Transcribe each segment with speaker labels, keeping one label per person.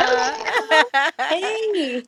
Speaker 1: Hello. Hey.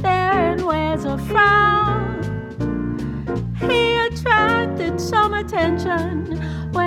Speaker 2: There's something when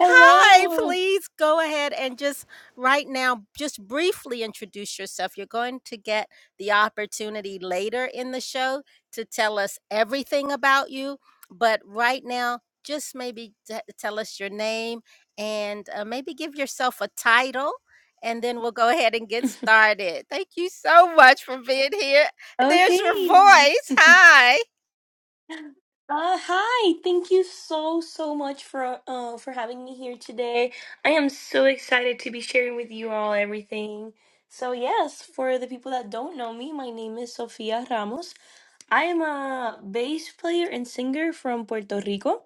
Speaker 1: Hello. Oh, thanks. Uh, hi. Thank you so so much for uh oh, for having me here today. I am so excited to be sharing with you all everything. So yes, for the people that don't know me, my name is Sofia Ramos. I am a bass player and singer from Puerto Rico.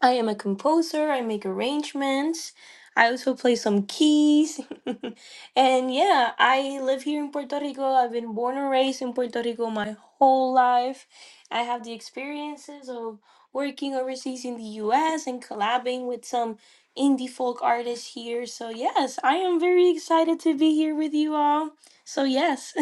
Speaker 1: I am a composer. I make arrangements. I also play some keys. and yeah, I live here in Puerto Rico. I've been born and raised in Puerto Rico my whole life. I have the experiences of working overseas in the US and collabing with some indie folk artists here. So, yes, I am very excited to be here with you all. So, yes,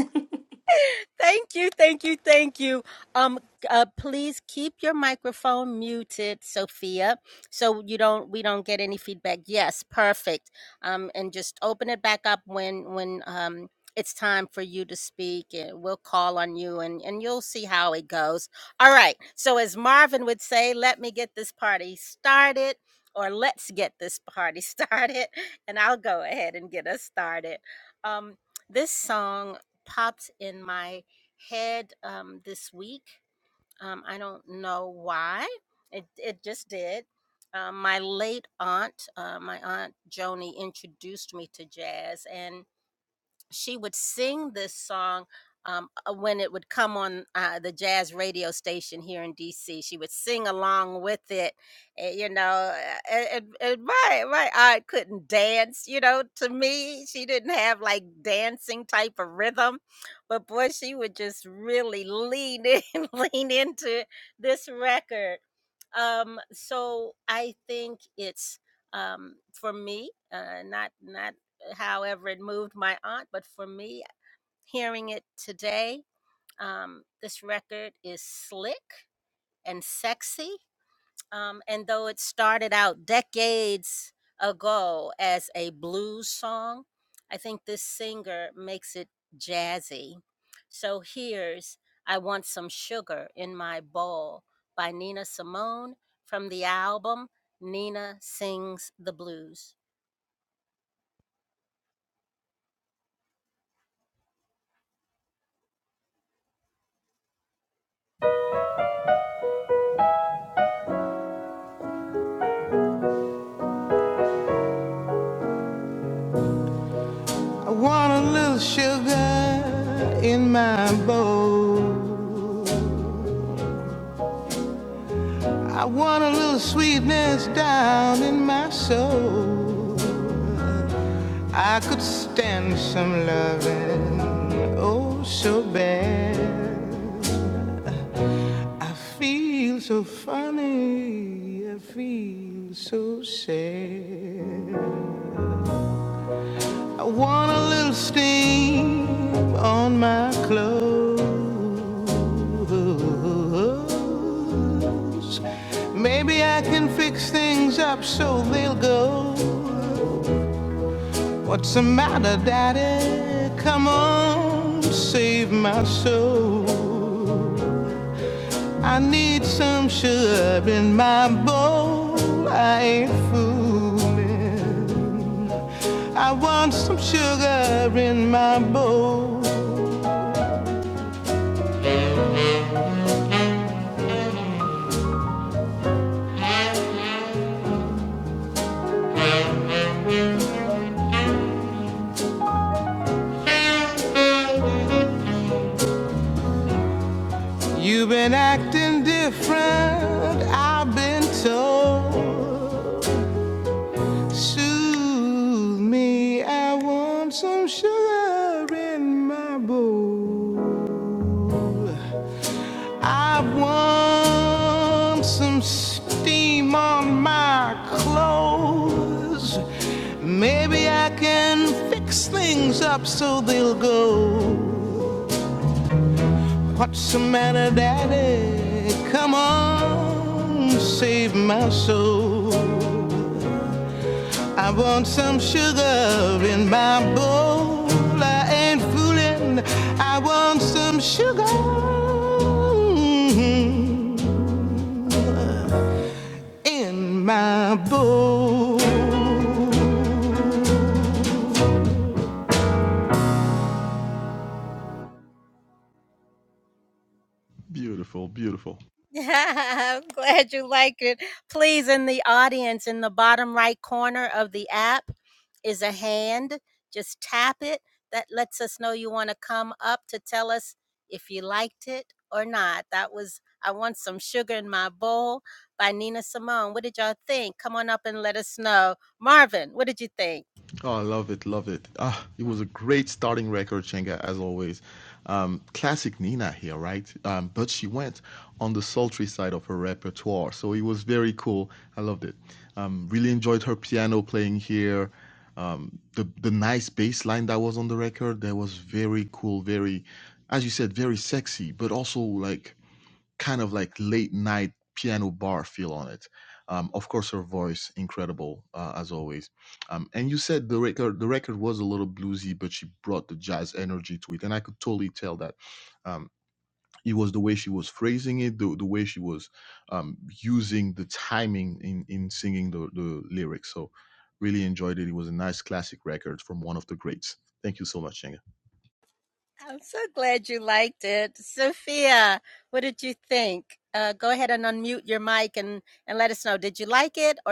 Speaker 2: I want a little sugar in my bowl. I want a little sweetness down in my soul. I could stand some loving, oh so bad. I feel so funny, I feel so sad. I want a little steam on my clothes. Maybe I can fix things up so they'll go. What's the matter, Daddy? Come on, save my soul. I need some sugar in my bowl. I ain't fooling. I want some sugar in my bowl. You've been acting different, I've been told. Soothe me, I want some sugar in my bowl. I want some steam on my clothes. Maybe I can fix things up so they'll go. What's the matter, Daddy? Come on, save my soul. I want some sugar in my bowl. I ain't fooling. I want some sugar Mm-hmm. in my bowl.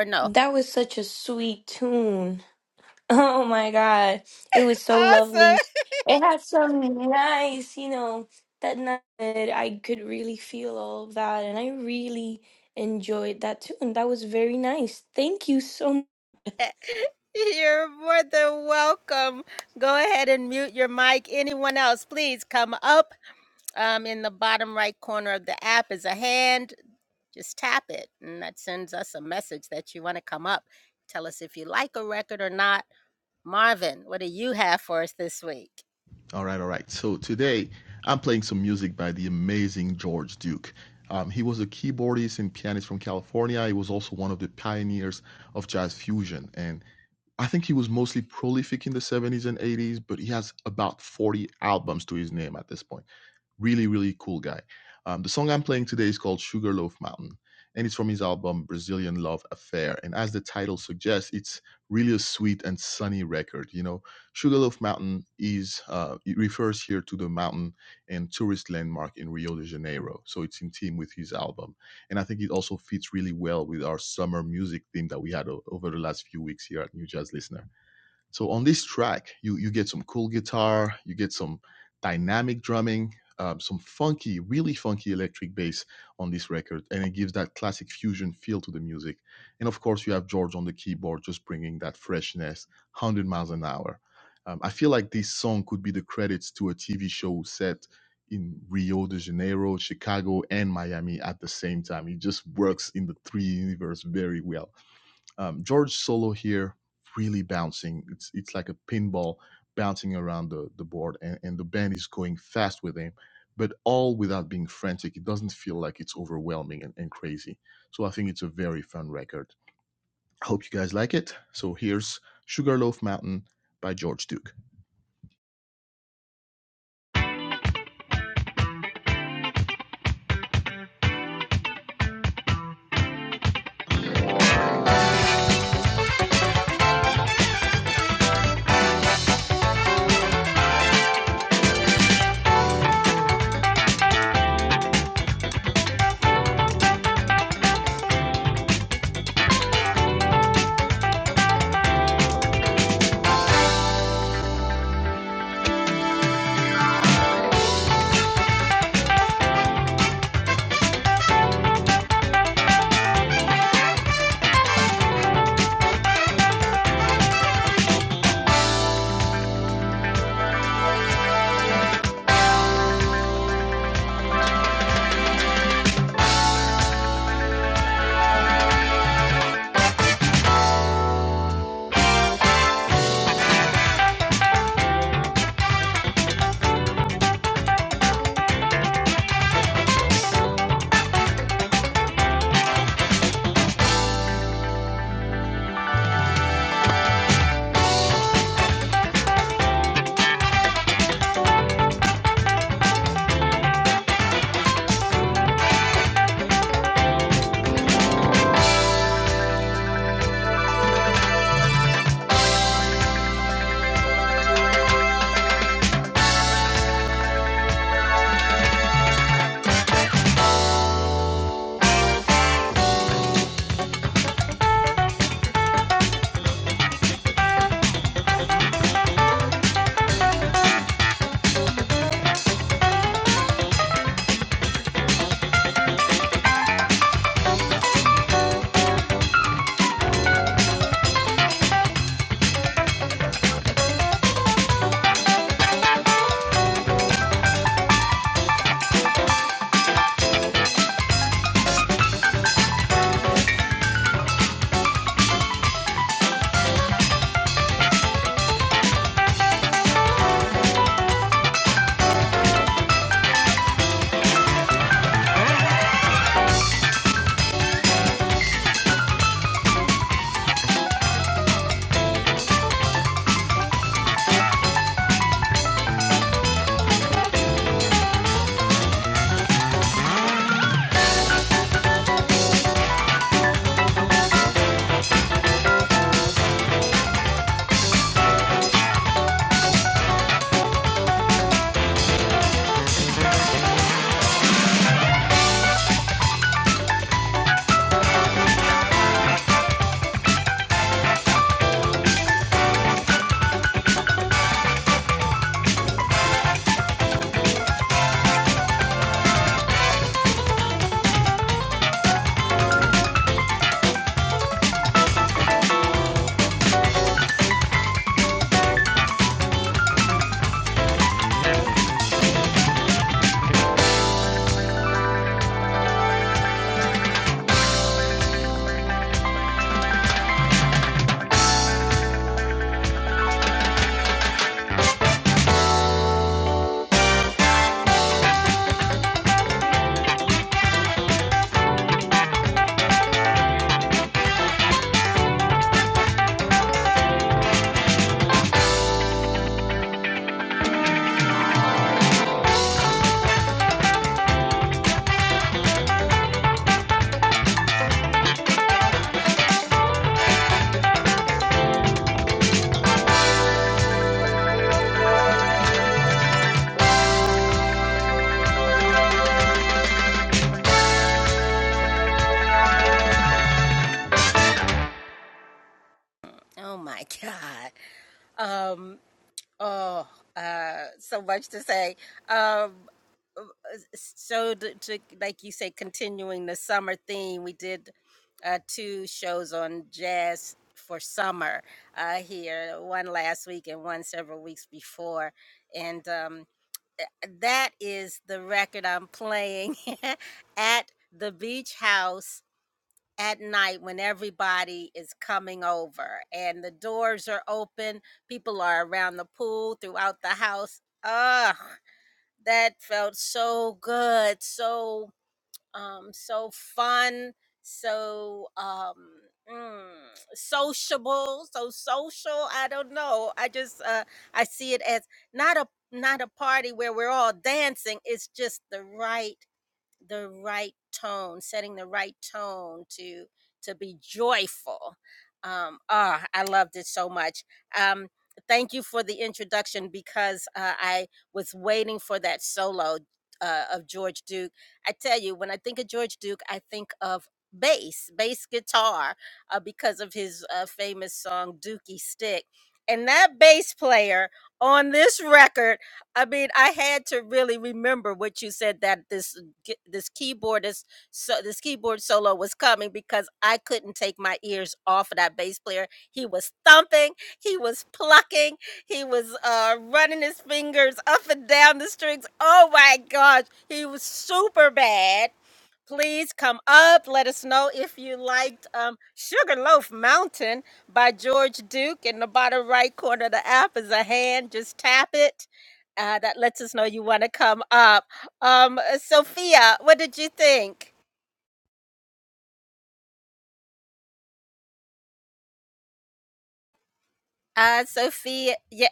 Speaker 1: that was such a sweet tune. Oh my God. It was so lovely. It had some nice, you know, that night I could really feel all of that. And I really enjoyed that too. And that was very nice. Thank you so much.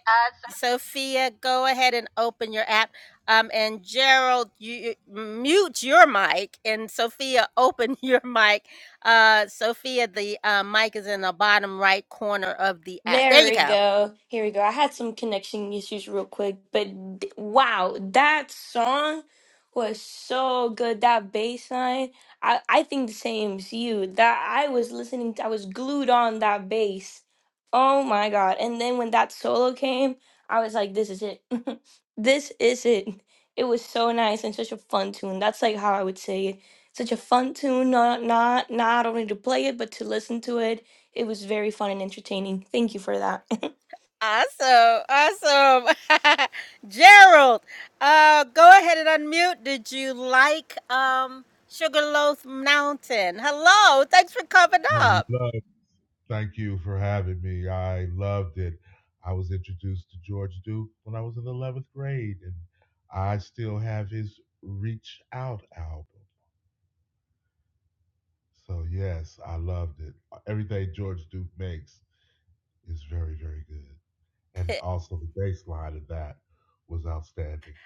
Speaker 3: Us.
Speaker 1: There we go. Here we go. I had some connection issues real quick, but d- wow, that song was so good. That bass line, I, I think the same as you. That I was listening, to, I was glued on that bass. Oh my God. And then when that solo came, I was like, this is it. this is it. It was so nice and such a fun tune. That's like how I would say it. Such a fun tune, not not not only to play it, but to listen to it it was very fun and entertaining. Thank you for that.
Speaker 3: I love. Thank you for having me. I loved it. I was introduced to George Duke when I was in eleventh grade, and I still have his "Reach Out" album. So yes, I loved it. Everything George Duke makes is very, very good, and also the bass line of that was outstanding.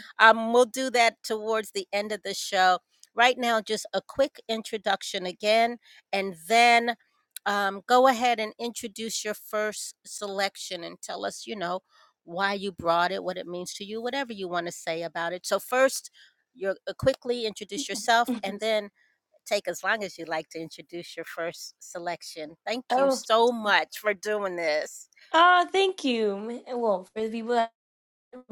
Speaker 1: oh, ah, thank you. Well, for the people that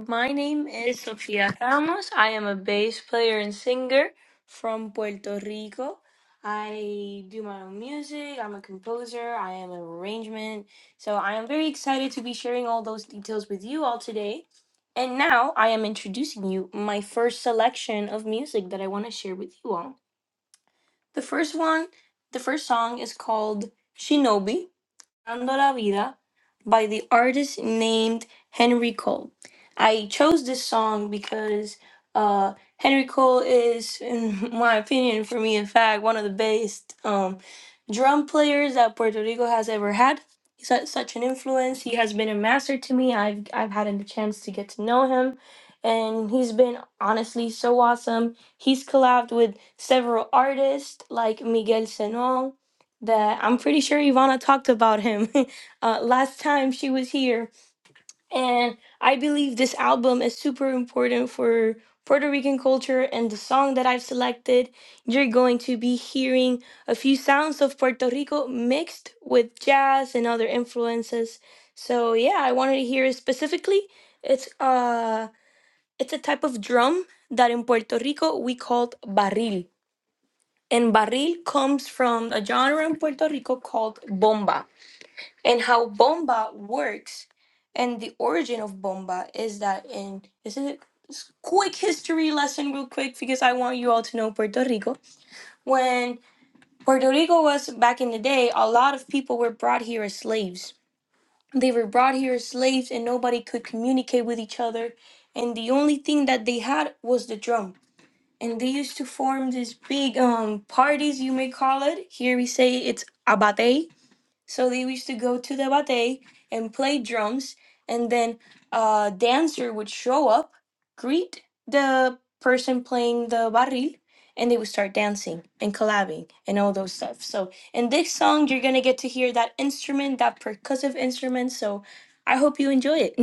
Speaker 1: my name is Sofia Ramos. I am a bass player and singer from Puerto Rico. I do my own music. I'm a composer. I am an arrangement. So I am very excited to be sharing all those details with you all today. And now I am introducing you my first selection of music that I want to share with you all. The first one, the first song is called Shinobi, Dando la Vida by the artist named Henry Cole. I chose this song because uh, Henry Cole is, in my opinion, for me, in fact, one of the best um, drum players that Puerto Rico has ever had. He's had such an influence. He has been a master to me. I've, I've had the chance to get to know him. And he's been honestly so awesome. He's collabed with several artists like Miguel Senón, that I'm pretty sure Ivana talked about him uh, last time she was here. And I believe this album is super important for Puerto Rican culture. And the song that I've selected, you're going to be hearing a few sounds of Puerto Rico mixed with jazz and other influences. So yeah, I wanted to hear it specifically. It's uh, it's a type of drum that in Puerto Rico we called barril. And barril comes from a genre in Puerto Rico called bomba. And how bomba works and the origin of bomba is that in this is a quick history lesson real quick because I want you all to know Puerto Rico. When Puerto Rico was back in the day, a lot of people were brought here as slaves. They were brought here as slaves and nobody could communicate with each other and the only thing that they had was the drum and they used to form these big um parties you may call it here we say it's abate so they used to go to the abate and play drums and then a dancer would show up greet the person playing the barril and they would start dancing and collabing and all those stuff so in this song you're gonna get to hear that instrument that percussive instrument so i hope you enjoy it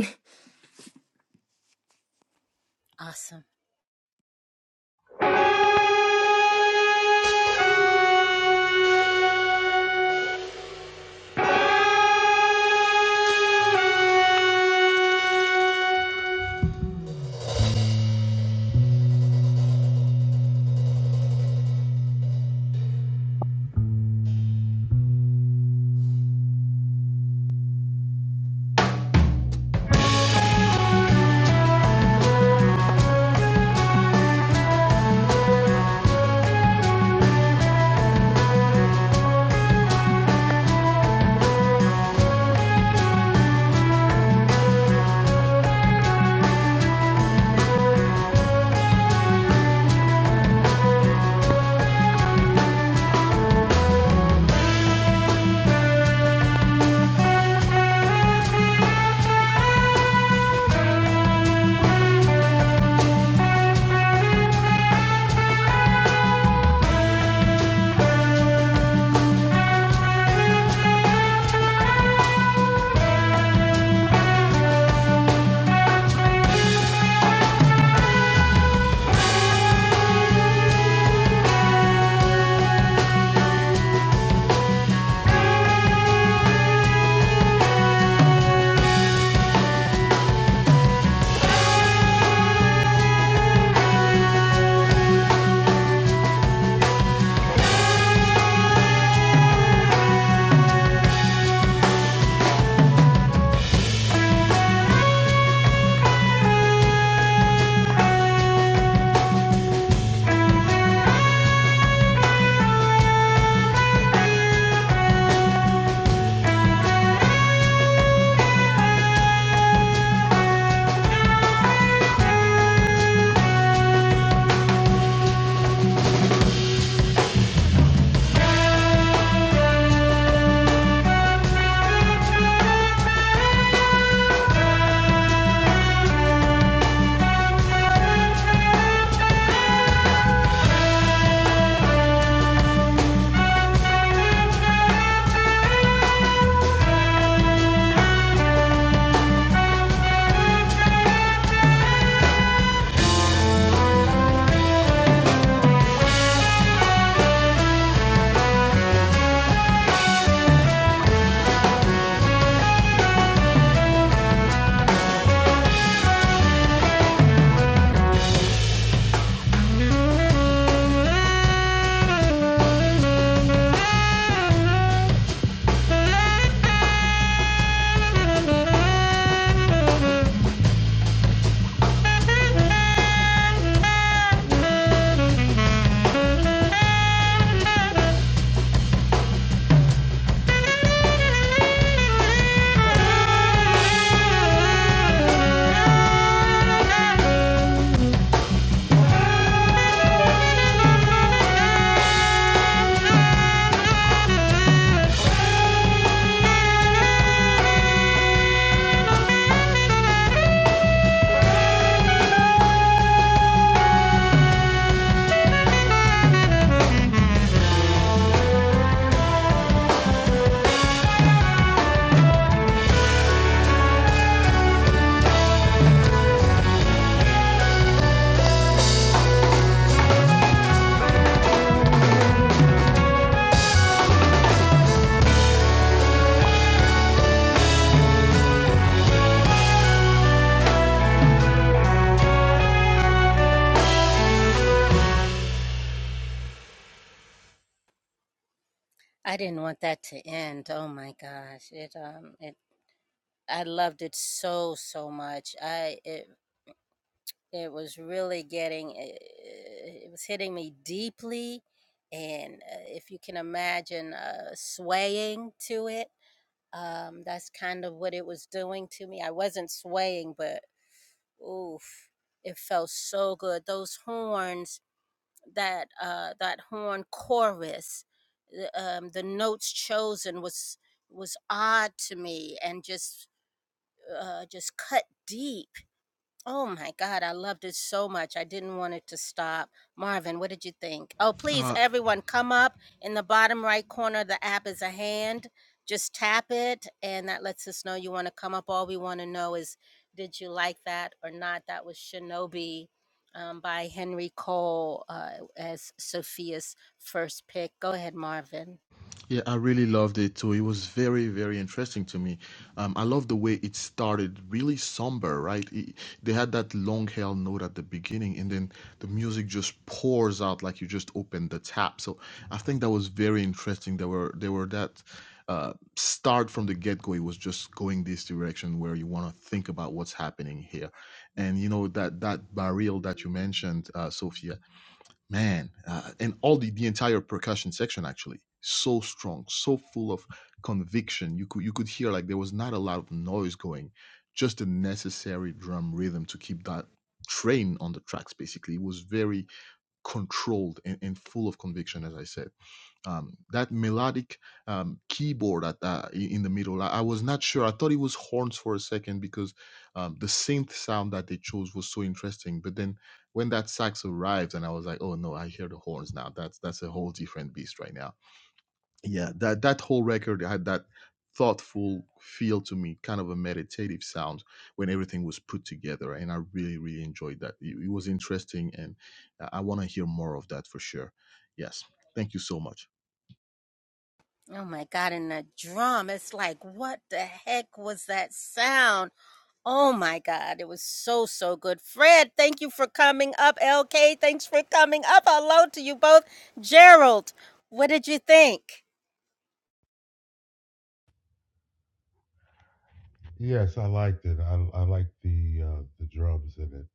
Speaker 3: Yes, I liked it. I I liked the uh, the drums in it.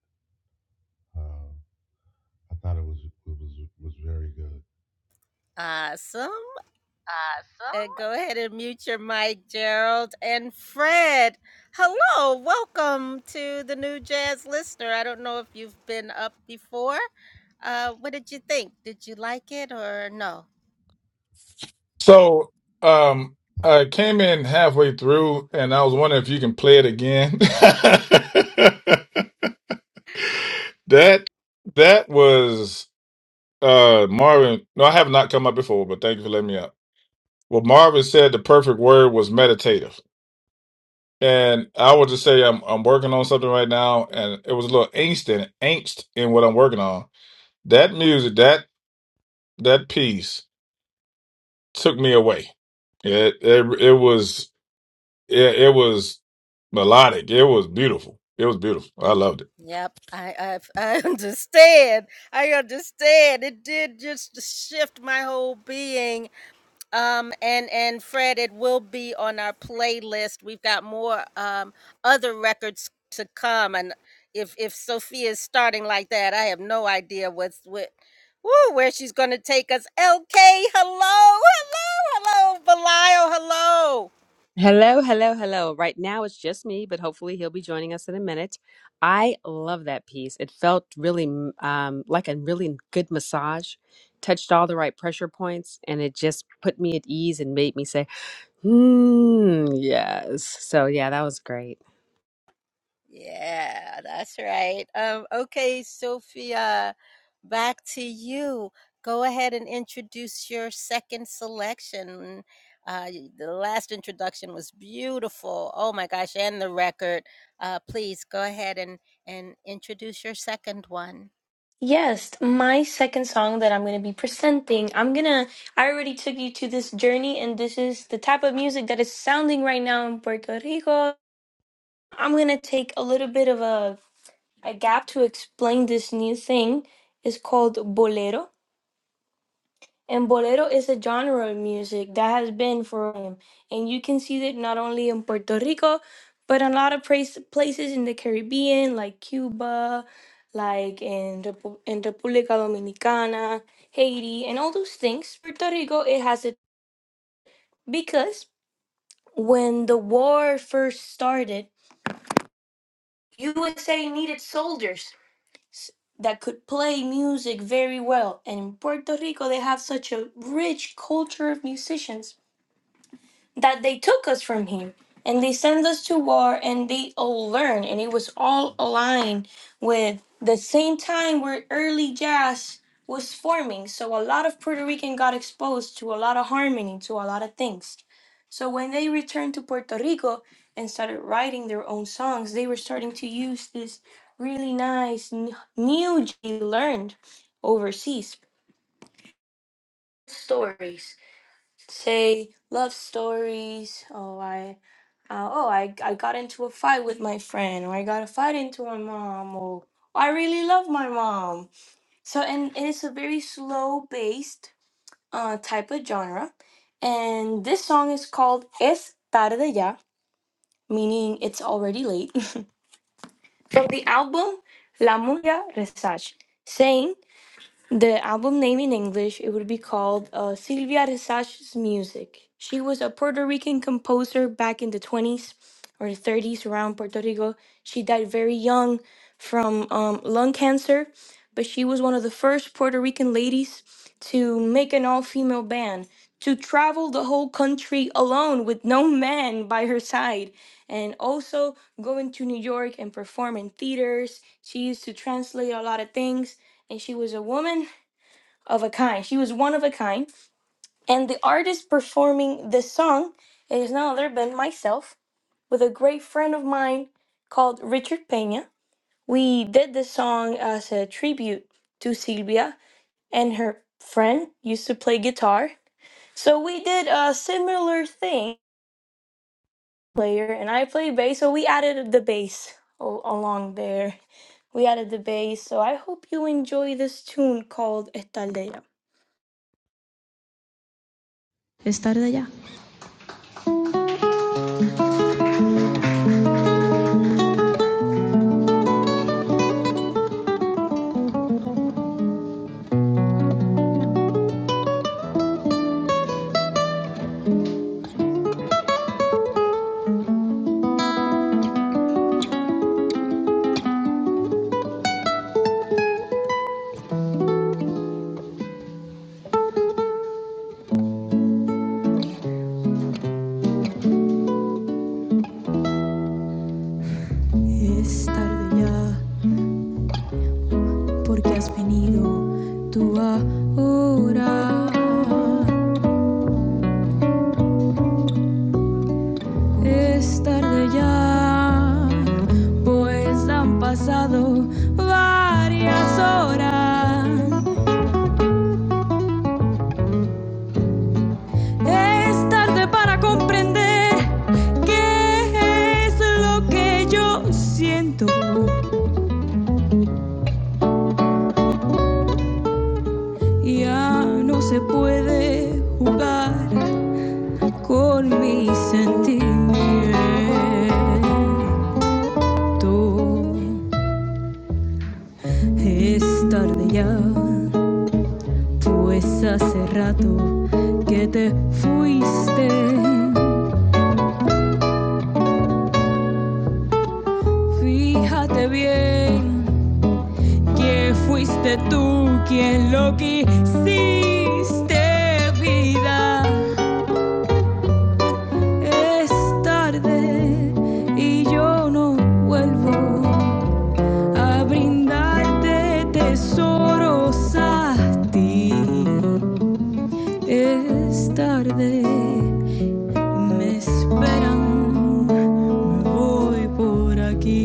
Speaker 3: Uh, I thought it was it was was very good. Awesome.
Speaker 4: So um I came in halfway through and I was wondering if you can play it again. that that was uh Marvin. No, I have not come up before, but thank you for letting me up. Well, Marvin said the perfect word was meditative. And I would just say I'm I'm working on something right now and it was a little angst in angst in what I'm working on. That music, that that piece took me away. It it, it was It, it was melodic. It was beautiful. It was beautiful. I loved it.
Speaker 5: Hello, hello, hello. Right now it's just me, but hopefully he'll be joining us in a minute. I love that piece. It felt really mm, um, like a really good massage, touched all the right pressure points, and it just put me at ease and made me say, hmm, yes. So, yeah, that was great.
Speaker 1: Yes, my second song that I'm going to be presenting. I'm going to I already took you to this journey and this is the type of music that is sounding right now in Puerto Rico. I'm going to take a little bit of a a gap to explain this new thing. It's called bolero. And bolero is a genre of music that has been for him, and you can see it not only in Puerto Rico, but in a lot of place, places in the Caribbean, like Cuba, like in, Repu- in República Dominicana, Haiti, and all those things. Puerto Rico, it has it because when the war first started, USA needed soldiers s- that could play music very well, and in Puerto Rico, they have such a rich culture of musicians that they took us from him and they sent us to war and they all learned and it was all aligned with the same time where early jazz was forming so a lot of puerto rican got exposed to a lot of harmony to a lot of things so when they returned to puerto rico and started writing their own songs they were starting to use this really nice n- new j- they learned overseas stories say love stories oh i uh, oh, I, I got into a fight with my friend, or I got a fight into my mom, or I really love my mom. So, and it's a very slow based uh, type of genre. And this song is called Es Tarde Ya, meaning it's already late. From the album La Murga Resach, saying the album name in English, it would be called uh, Silvia Resach's Music. She was a Puerto Rican composer back in the 20s or 30s around Puerto Rico. She died very young from um, lung cancer, but she was one of the first Puerto Rican ladies to make an all female band, to travel the whole country alone with no man by her side, and also go into New York and perform in theaters. She used to translate a lot of things and she was a woman of a kind. She was one of a kind. And the artist performing this song is none other than myself with a great friend of mine called Richard Pena. We did this song as a tribute to Silvia and her friend used to play guitar. So we did a similar thing player and I play bass, so we added the bass al- along there. We added the bass, so I hope you enjoy this tune called Estaldea.
Speaker 6: Es tarde ya. Es tarde ya, porque has venido tú ahora. Es tarde ya, pues han pasado varias horas. Es tarde para comprender qué es lo que yo siento. Ya no se puede jugar con mis sentimientos. Es tarde ya. Pues hace rato que te fuiste. Fíjate bien que fuiste tú quien lo quisiste, vida. Es tarde y yo no vuelvo a brindarte tesoros a ti. Es tarde Me esperan, me voy por aquí.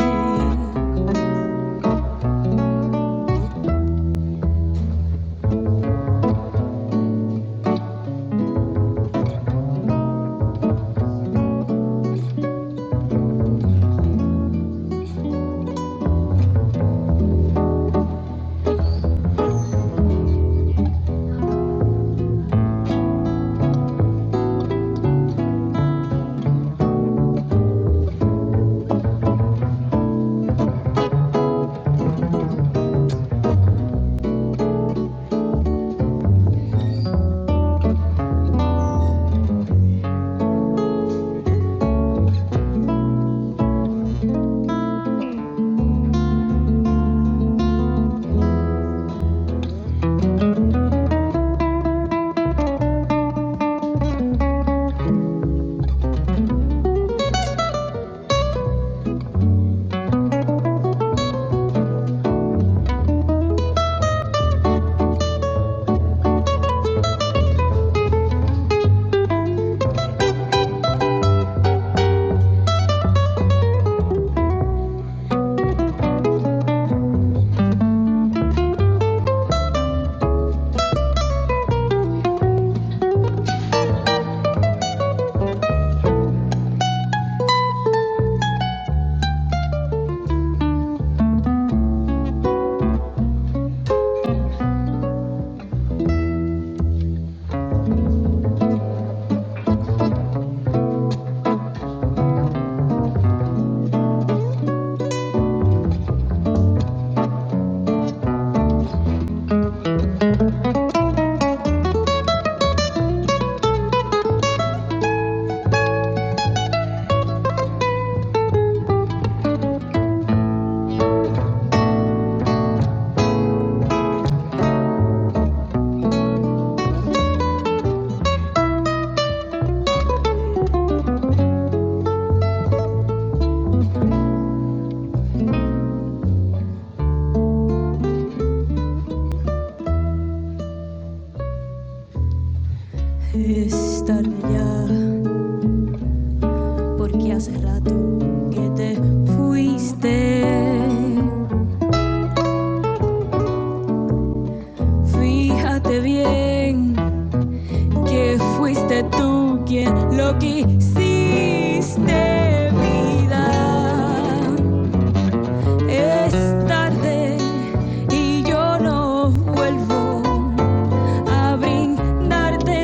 Speaker 6: Es tarde ya, porque hace rato que te fuiste. Fíjate bien que fuiste tú quien lo quisiste, vida. Es tarde y yo no vuelvo. a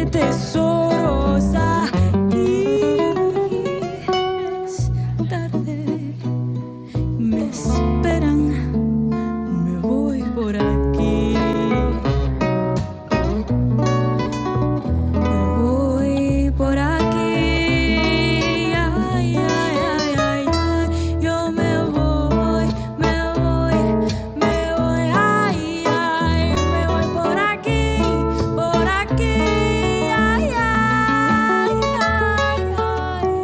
Speaker 6: tesoros a ti. me esperan, me voy por aquí. Voy por aquí, ay, ay, ay, ay, ay, yo me voy, me voy, me voy, ay, ay, me voy por aquí, por aquí, ay, ay, ay, ay,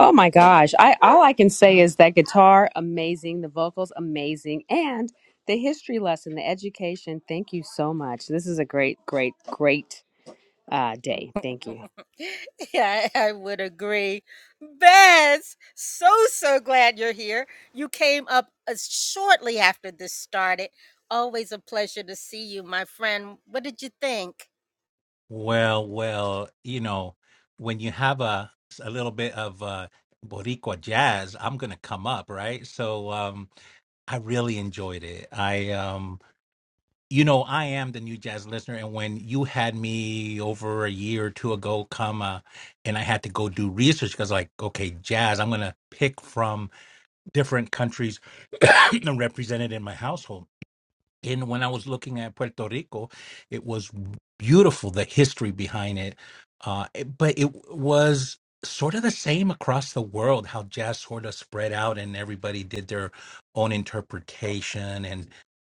Speaker 5: Oh my gosh. I All I can say is that guitar, amazing, the vocals, amazing, and the history lesson, the education. Thank you so much. This is a great, great, great uh, day. Thank you.
Speaker 7: Well, well, you know, when you have a a little bit of uh Boricua jazz, I'm gonna come up, right? So um I really enjoyed it. I um you know, I am the new jazz listener and when you had me over a year or two ago come uh, and I had to go do research because like, okay, jazz, I'm gonna pick from different countries represented in my household in when I was looking at Puerto Rico, it was beautiful the history behind it, uh, it- but it was sort of the same across the world how jazz sort of spread out and everybody did their own interpretation and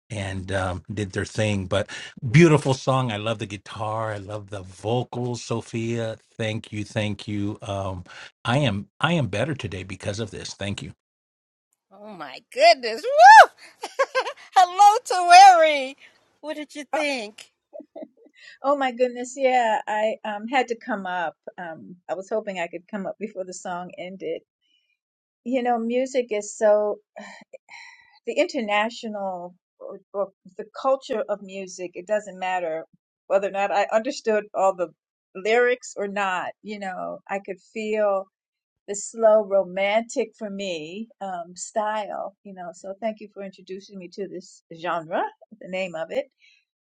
Speaker 7: and um, did their thing. But beautiful song. I love the guitar. I love the vocals. Sophia, thank you, thank you. Um, I am I am better today because of this. Thank you.
Speaker 8: Oh, oh my goodness, yeah, I um had to come up. Um I was hoping I could come up before the song ended. You know, music is so the international or, or the culture of music, it doesn't matter whether or not I understood all the lyrics or not, you know, I could feel the slow romantic for me um style, you know. So thank you for introducing me to this genre, the name of it.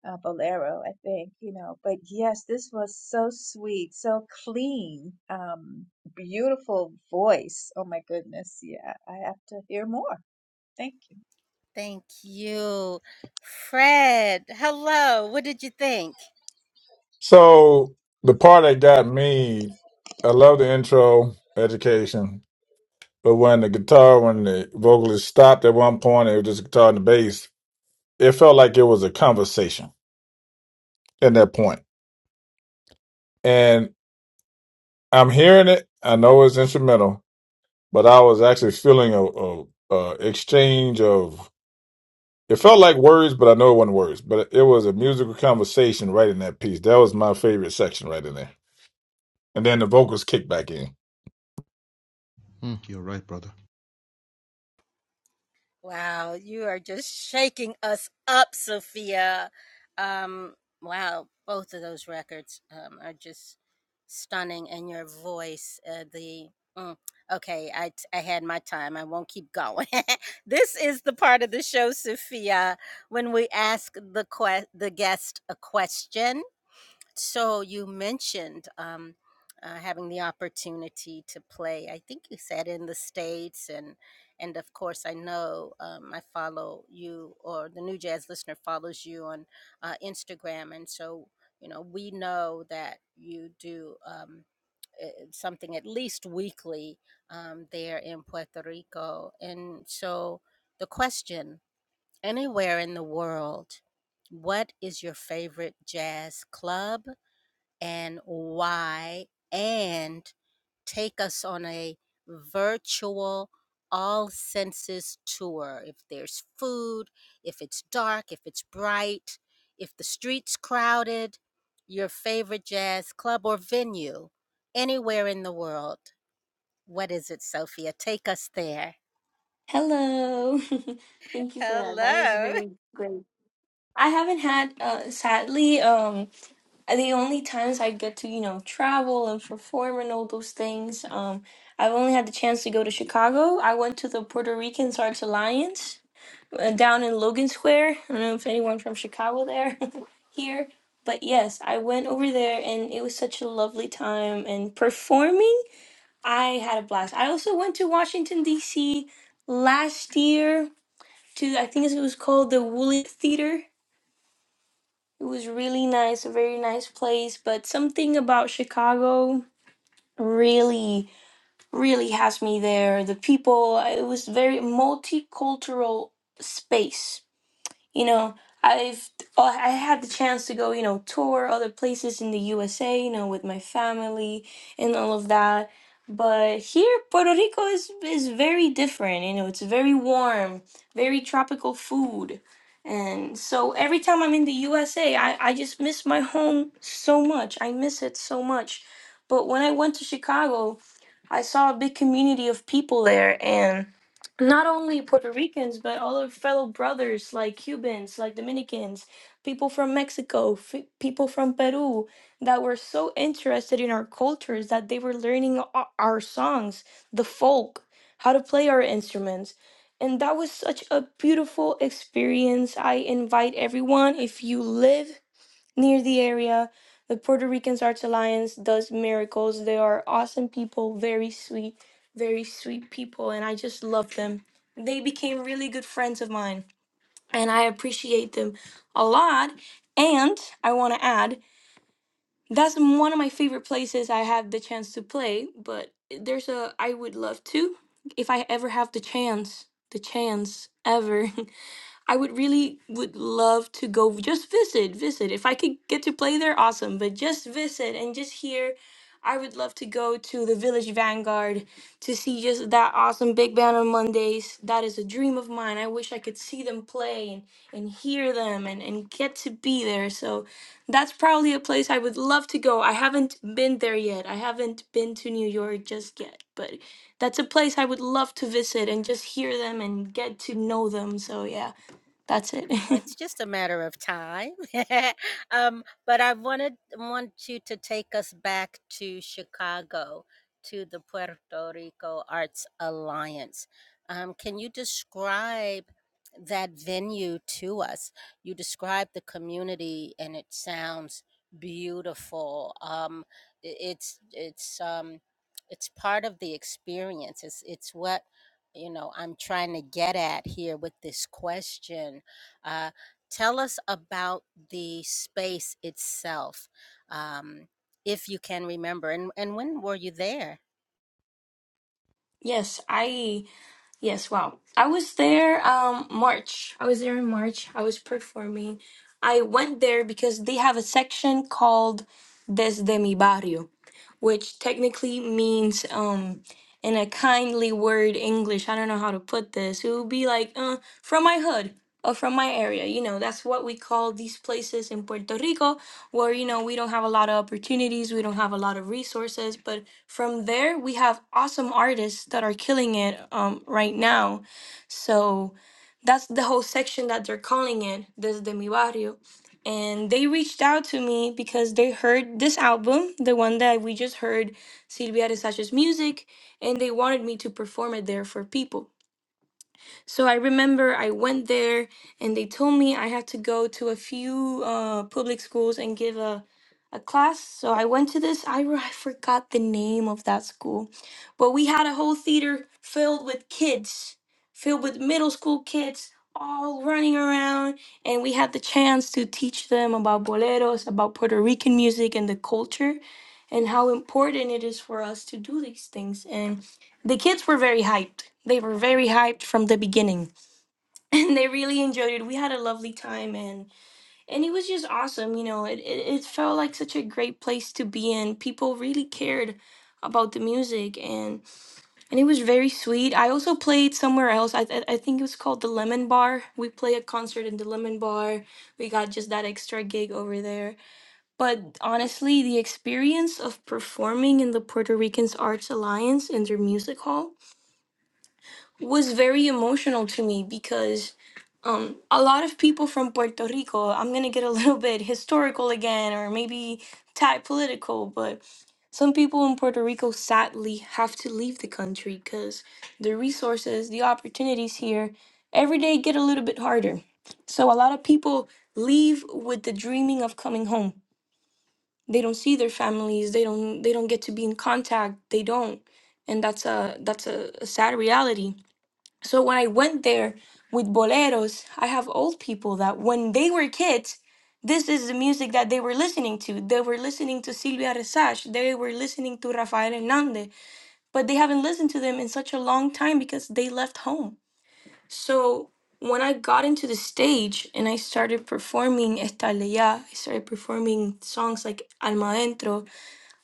Speaker 8: uh, bolero, I think, you know. But yes, this was so sweet, so clean, um, beautiful voice. Oh my goodness. Yeah, I have to hear more. Thank you.
Speaker 4: So the part that got me, I love the intro, education. But when the guitar, when the vocalist stopped at one point, it was just guitar and the bass. It felt like it was a conversation at that point. And I'm hearing it. I know it's instrumental, but I was actually feeling a, a, a exchange of It felt like words, but I know it wasn't words. But it was a musical conversation right in that piece. That was my favorite section right in there. And then the vocals kicked back in.
Speaker 1: Hello. Thank you for that. That is very great. I haven't had uh sadly um the only times I get to, you know, travel and perform and all those things. Um I've only had the chance to go to Chicago. I went to the Puerto Ricans Arts Alliance uh, down in Logan Square. I don't know if anyone from Chicago there here, but yes, I went over there and it was such a lovely time and performing, I had a blast. I also went to Washington DC last year to I think it was called the Woolley Theater. It was really nice, a very nice place, but something about Chicago really really has me there. The people, it was very multicultural space. You know, I've I I had the chance to go, you know, tour other places in the USA, you know, with my family and all of that. But here, Puerto Rico is is very different. You know, it's very warm, very tropical food. And so every time I'm in the USA, I, I just miss my home so much. I miss it so much. But when I went to Chicago, I saw a big community of people there, and not only Puerto Ricans, but all our fellow brothers like Cubans, like Dominicans, people from Mexico, f- people from Peru that were so interested in our cultures that they were learning o- our songs, the folk, how to play our instruments. And that was such a beautiful experience. I invite everyone, if you live Near the area, the Puerto Ricans Arts Alliance does miracles. They are awesome people, very sweet, very sweet people, and I just love them. They became really good friends of mine, and I appreciate them a lot. And I want to add, that's one of my favorite places I had the chance to play, but there's a I would love to if I ever have the chance, the chance ever. I would really would love to go just visit, visit. If I could get to play there, awesome. But just visit and just hear. I would love to go to the Village Vanguard to see just that awesome big band on Mondays. That is a dream of mine. I wish I could see them play and, and hear them and, and get to be there. So that's probably a place I would love to go. I haven't been there yet. I haven't been to New York just yet, but that's a place I would love to visit and just hear them and get to know them. So yeah. That's it. yes, I yes, wow. I was there um March. I was there in March. I was performing. I went there because they have a section called Desde mi barrio. which technically means um in a kindly word English. I don't know how to put this. It would be like uh, from my hood or from my area. You know, that's what we call these places in Puerto Rico where you know we don't have a lot of opportunities, we don't have a lot of resources, but from there we have awesome artists that are killing it um right now. So that's the whole section that they're calling it, desde mi barrio and they reached out to me because they heard this album, the one that we just heard, Silvia de Sacha's music, and they wanted me to perform it there for people. So I remember I went there and they told me I had to go to a few uh, public schools and give a, a class. So I went to this, I, re- I forgot the name of that school, but we had a whole theater filled with kids, filled with middle school kids all running around. And we had the chance to teach them about boleros, about Puerto Rican music and the culture. And how important it is for us to do these things. And the kids were very hyped. They were very hyped from the beginning, and they really enjoyed it. We had a lovely time, and and it was just awesome. You know, it it, it felt like such a great place to be in. People really cared about the music, and and it was very sweet. I also played somewhere else. I I I think it was called the Lemon Bar. We played a concert in the Lemon Bar. We got just that extra gig over there. But honestly, the experience of performing in the Puerto Ricans Arts Alliance in their music hall was very emotional to me because um, a lot of people from Puerto Rico, I'm going to get a little bit historical again or maybe tie political, but some people in Puerto Rico sadly have to leave the country because the resources, the opportunities here every day get a little bit harder. So a lot of people leave with the dreaming of coming home. They don't see their families, they don't they don't get to be in contact, they don't. And that's a that's a, a sad reality so when I went there with boleros, I have old people that when they were kids, this is the music that they were listening to. They were listening to Silvia Resach, they were listening to Rafael Hernandez, but they haven't listened to them in such a long time because they left home. So when I got into the stage and I started performing Estalella, I started performing songs like Alma Dentro,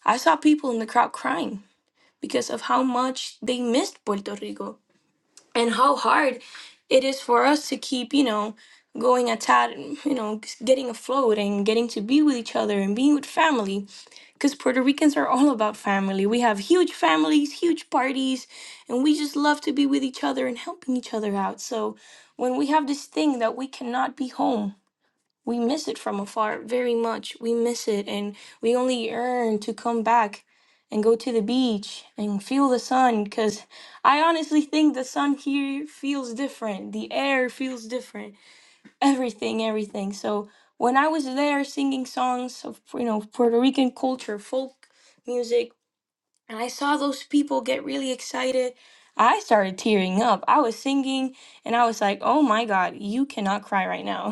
Speaker 1: I saw people in the crowd crying because of how much they missed Puerto Rico and how hard it is for us to keep, you know, going at tad, you know, getting afloat and getting to be with each other and being with family. Because Puerto Ricans are all about family. We have huge families, huge parties, and we just love to be with each other and helping each other out. So when we have this thing that we cannot be home, we miss it from afar very much. We miss it, and we only yearn to come back and go to the beach and feel the sun. Because I honestly think the sun here feels different, the air feels different, everything, everything. So when I was there singing songs of you know Puerto Rican culture, folk music, and I saw those people get really excited. I started tearing up. I was singing and I was like, oh my God, you cannot cry right now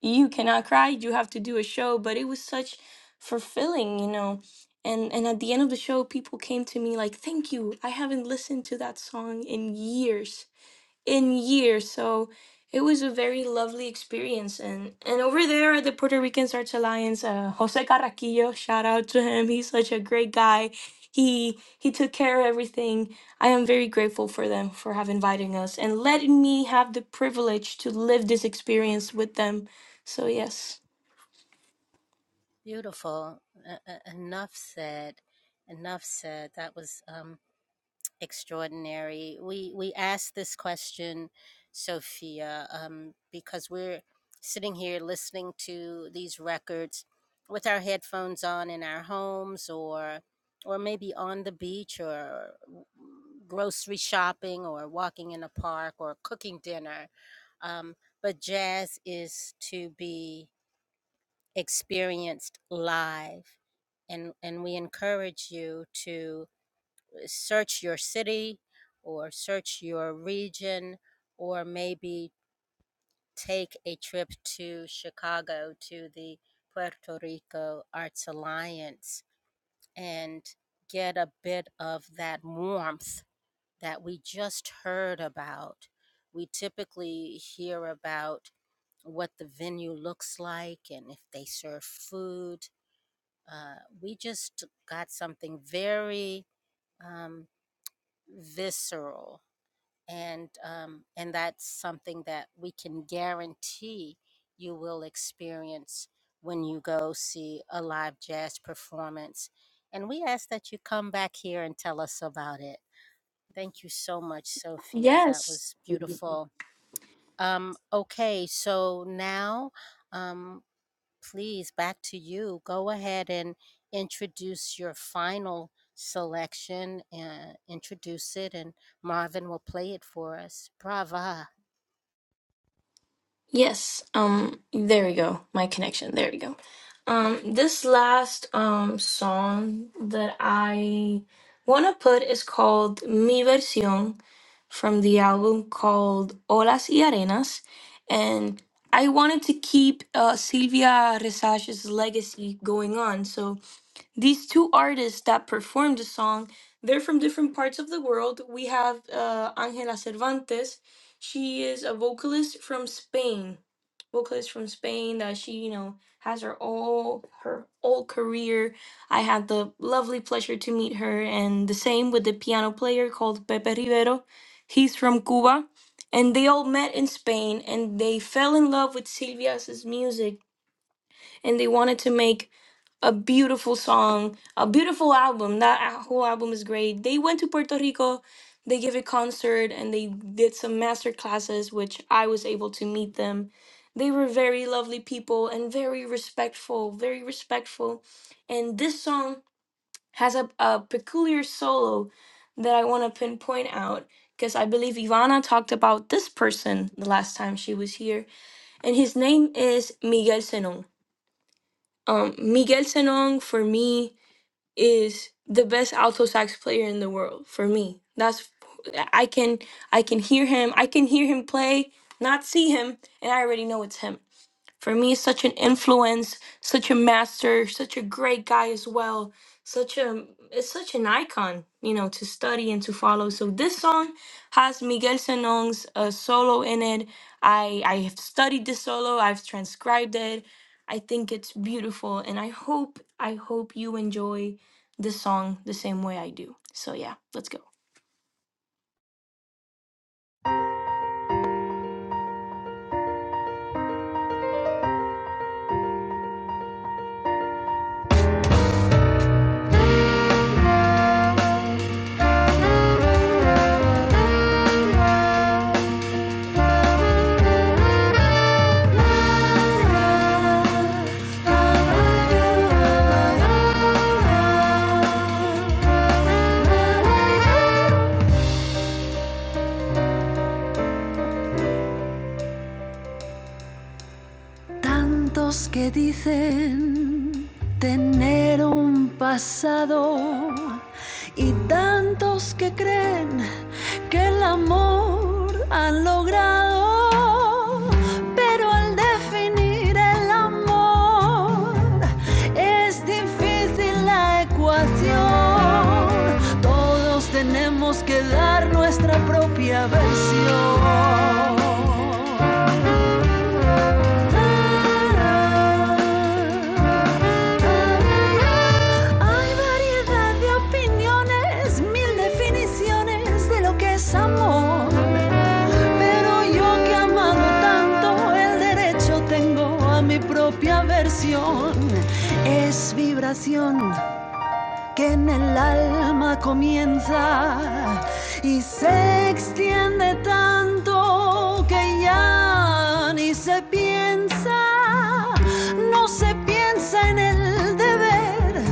Speaker 1: you cannot cry you have to do a show but it was such fulfilling you know and and at the end of the show people came to me like thank you i haven't listened to that song in years in years. So it was a very lovely experience. And and over there at the Puerto Rican Arts Alliance, uh, Jose Carraquillo, shout out to him. He's such a great guy. He he took care of everything. I am very grateful for them for have inviting us and letting me have the privilege to live this experience with them. So yes. Yes. Yes. Um there we go. My connection. There we go. Um, this last um song that I wanna put is called Mi Versión from the album called Olas y Arenas, and I wanted to keep uh, Silvia Resach's legacy going on, so these two artists that performed the song they're from different parts of the world we have uh, angela cervantes she is a vocalist from spain vocalist from spain that she you know has her all her whole career i had the lovely pleasure to meet her and the same with the piano player called pepe rivero he's from cuba and they all met in spain and they fell in love with silvia's music and they wanted to make a beautiful song, a beautiful album. That a- whole album is great. They went to Puerto Rico, they gave a concert, and they did some master classes, which I was able to meet them. They were very lovely people and very respectful, very respectful. And this song has a, a peculiar solo that I want to pinpoint out because I believe Ivana talked about this person the last time she was here, and his name is Miguel Senong. Um, Miguel Senong, for me, is the best alto sax player in the world for me. That's I can I can hear him. I can hear him play, not see him, and I already know it's him. For me, such an influence, such a master, such a great guy as well. Such a it's such an icon, you know, to study and to follow. So this song has Miguel Senon's uh, solo in it. I I have studied this solo. I've transcribed it. I think it's beautiful, and I hope I hope you enjoy this song the same way I do. So yeah, let's go.
Speaker 6: ay. Tantos que dicen tener un pasado y tantos que creen que el amor han logrado. Pero al definir el amor es difícil la ecuación. Todos tenemos que dar nuestra propia versión. Hay variedad de opiniones, mil definiciones de lo que es amor. Pero yo que he amado tanto, el derecho tengo a mi propia versión. Es vibración, que en el alma comienza y se extiende tanto que ya ni se piensa, no se piensa en el deber,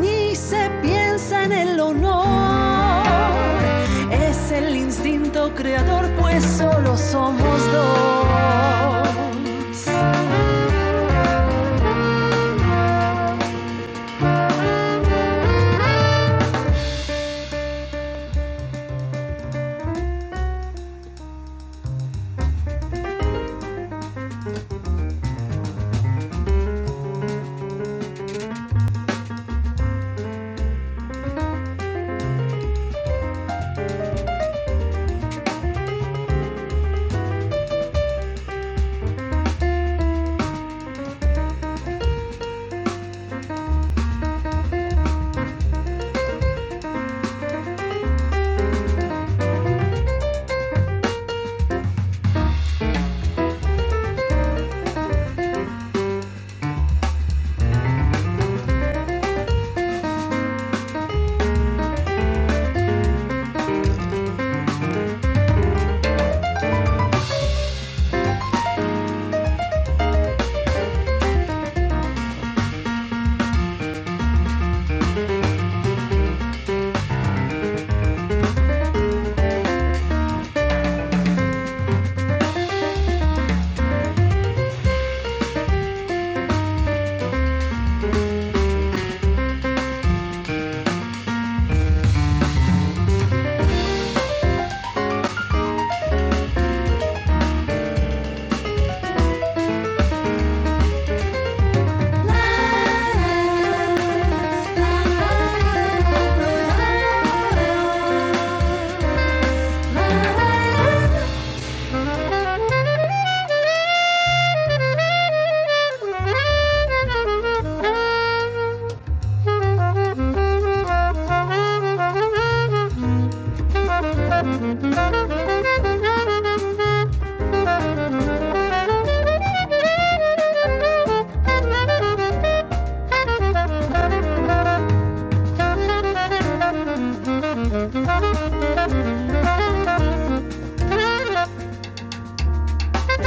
Speaker 6: ni se piensa en el honor, es el instinto creador, pues solo somos dos. Thank you. Thank you. Thank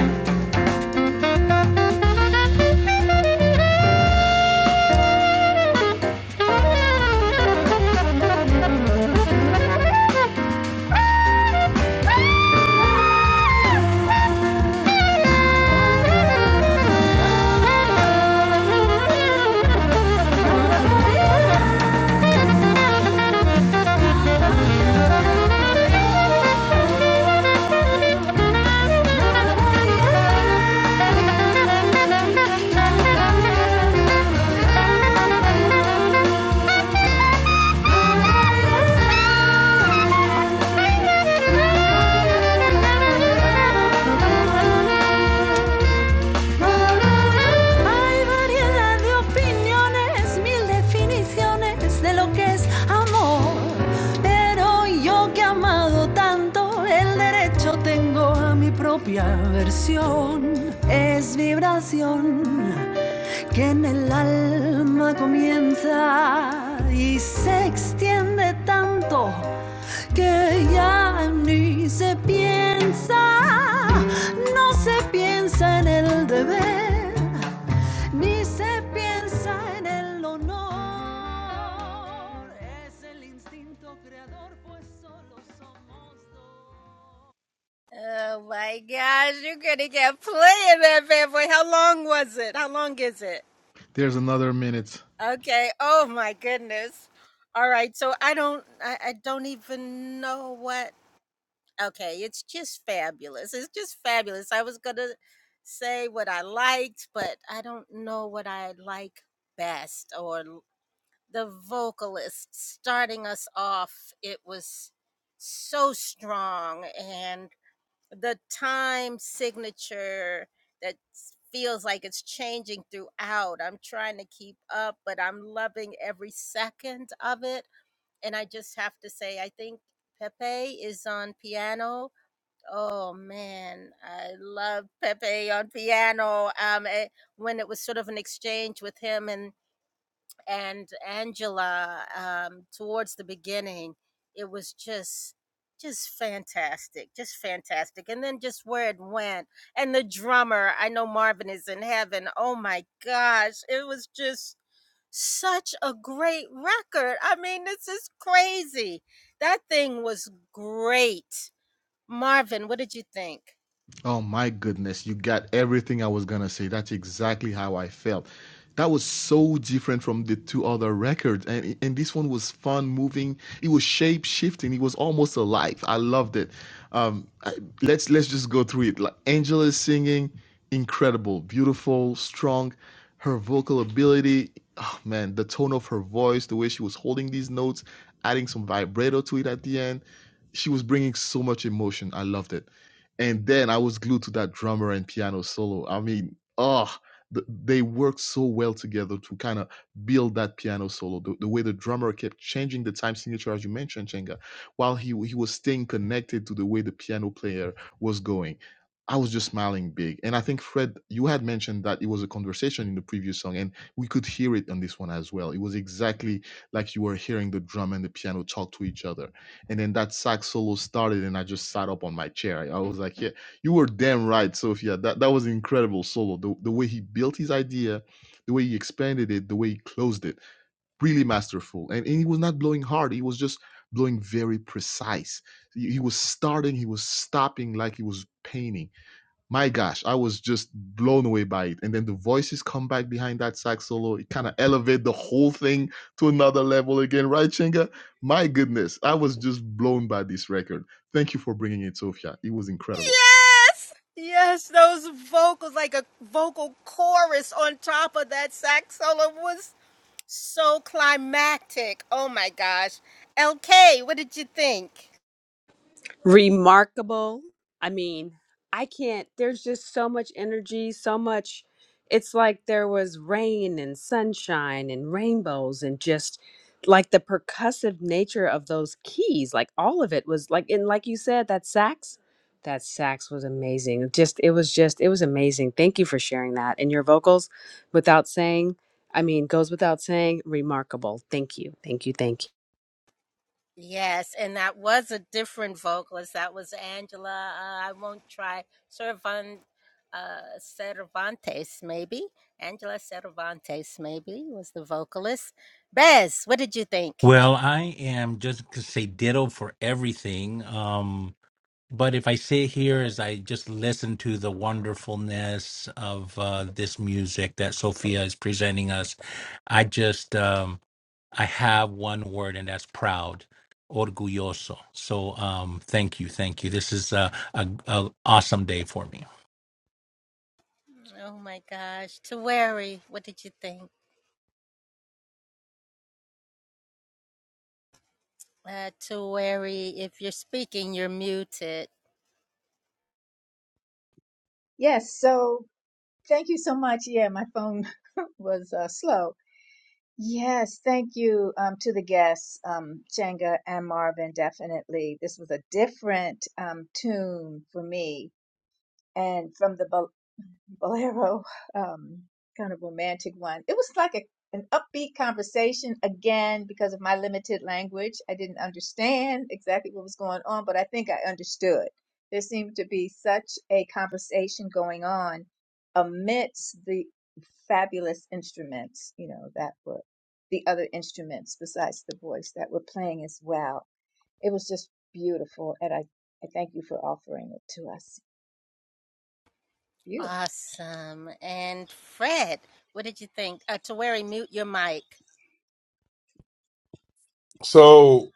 Speaker 6: you. Thank you. Thank you. Hay variedad de opiniones, mil definiciones de lo que es amor. Pero yo que he amado tanto, el derecho tengo a mi propia versión. Es vibración que en el alma comienza y se extiende tanto que ya ni se piensa, no se piensa en el deber, ni se piensa en el honor. Es el instinto creador, pues solo somos
Speaker 5: remarkable. I mean, I can't, there's just so much energy, so much. It's like there was rain and sunshine and rainbows and just like the percussive nature of those keys. Like all of it was like, and like you said, that sax, that sax was amazing. It Just, it was just, it was amazing. Thank you for sharing that. And your vocals, without saying, I mean, goes without saying, remarkable. Thank you. Thank you. Thank you.
Speaker 7: Well, I am just to say ditto for everything. Um, But if I sit here as I just listen to the wonderfulness of uh, this music that Sophia is presenting us, I just um, I have one word, and that's proud, orgulloso. So um, thank you, thank you. This is uh, a, a awesome day for me.
Speaker 8: Yes, so thank you so much. Yeah, my phone was uh, slow. Yes, thank you um, to the guests, um, Changa and Marvin, definitely. This was a different um, tune for me. And from the bolero, um, kind of romantic one. It was like a, an upbeat conversation again because of my limited language. I didn't understand exactly what was going on, but I think I understood. There seemed to be such a conversation going on amidst the fabulous instruments, you know, that were the other instruments besides the voice that were playing as well. It was just beautiful, and I, I thank you for offering it to us. Beautiful.
Speaker 4: So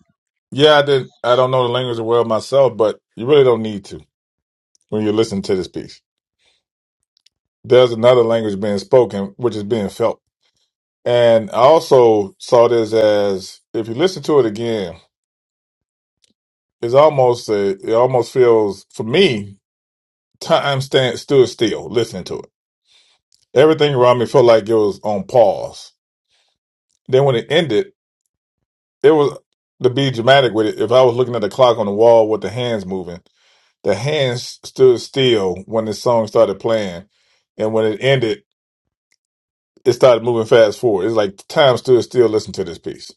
Speaker 4: yeah, I did. I don't know the language well myself, but you really don't need to when you listen to this piece. There's another language being spoken, which is being felt. And I also saw this as if you listen to it again, it's almost a, it almost feels for me time stand stood still listening to it. Everything around me felt like it was on pause Then when it ended, it was to be dramatic with it. If I was looking at the clock on the wall with the hands moving, the hands stood still when the song started playing, and when it ended, it started moving fast forward. It's like time stood still. Listen to this piece.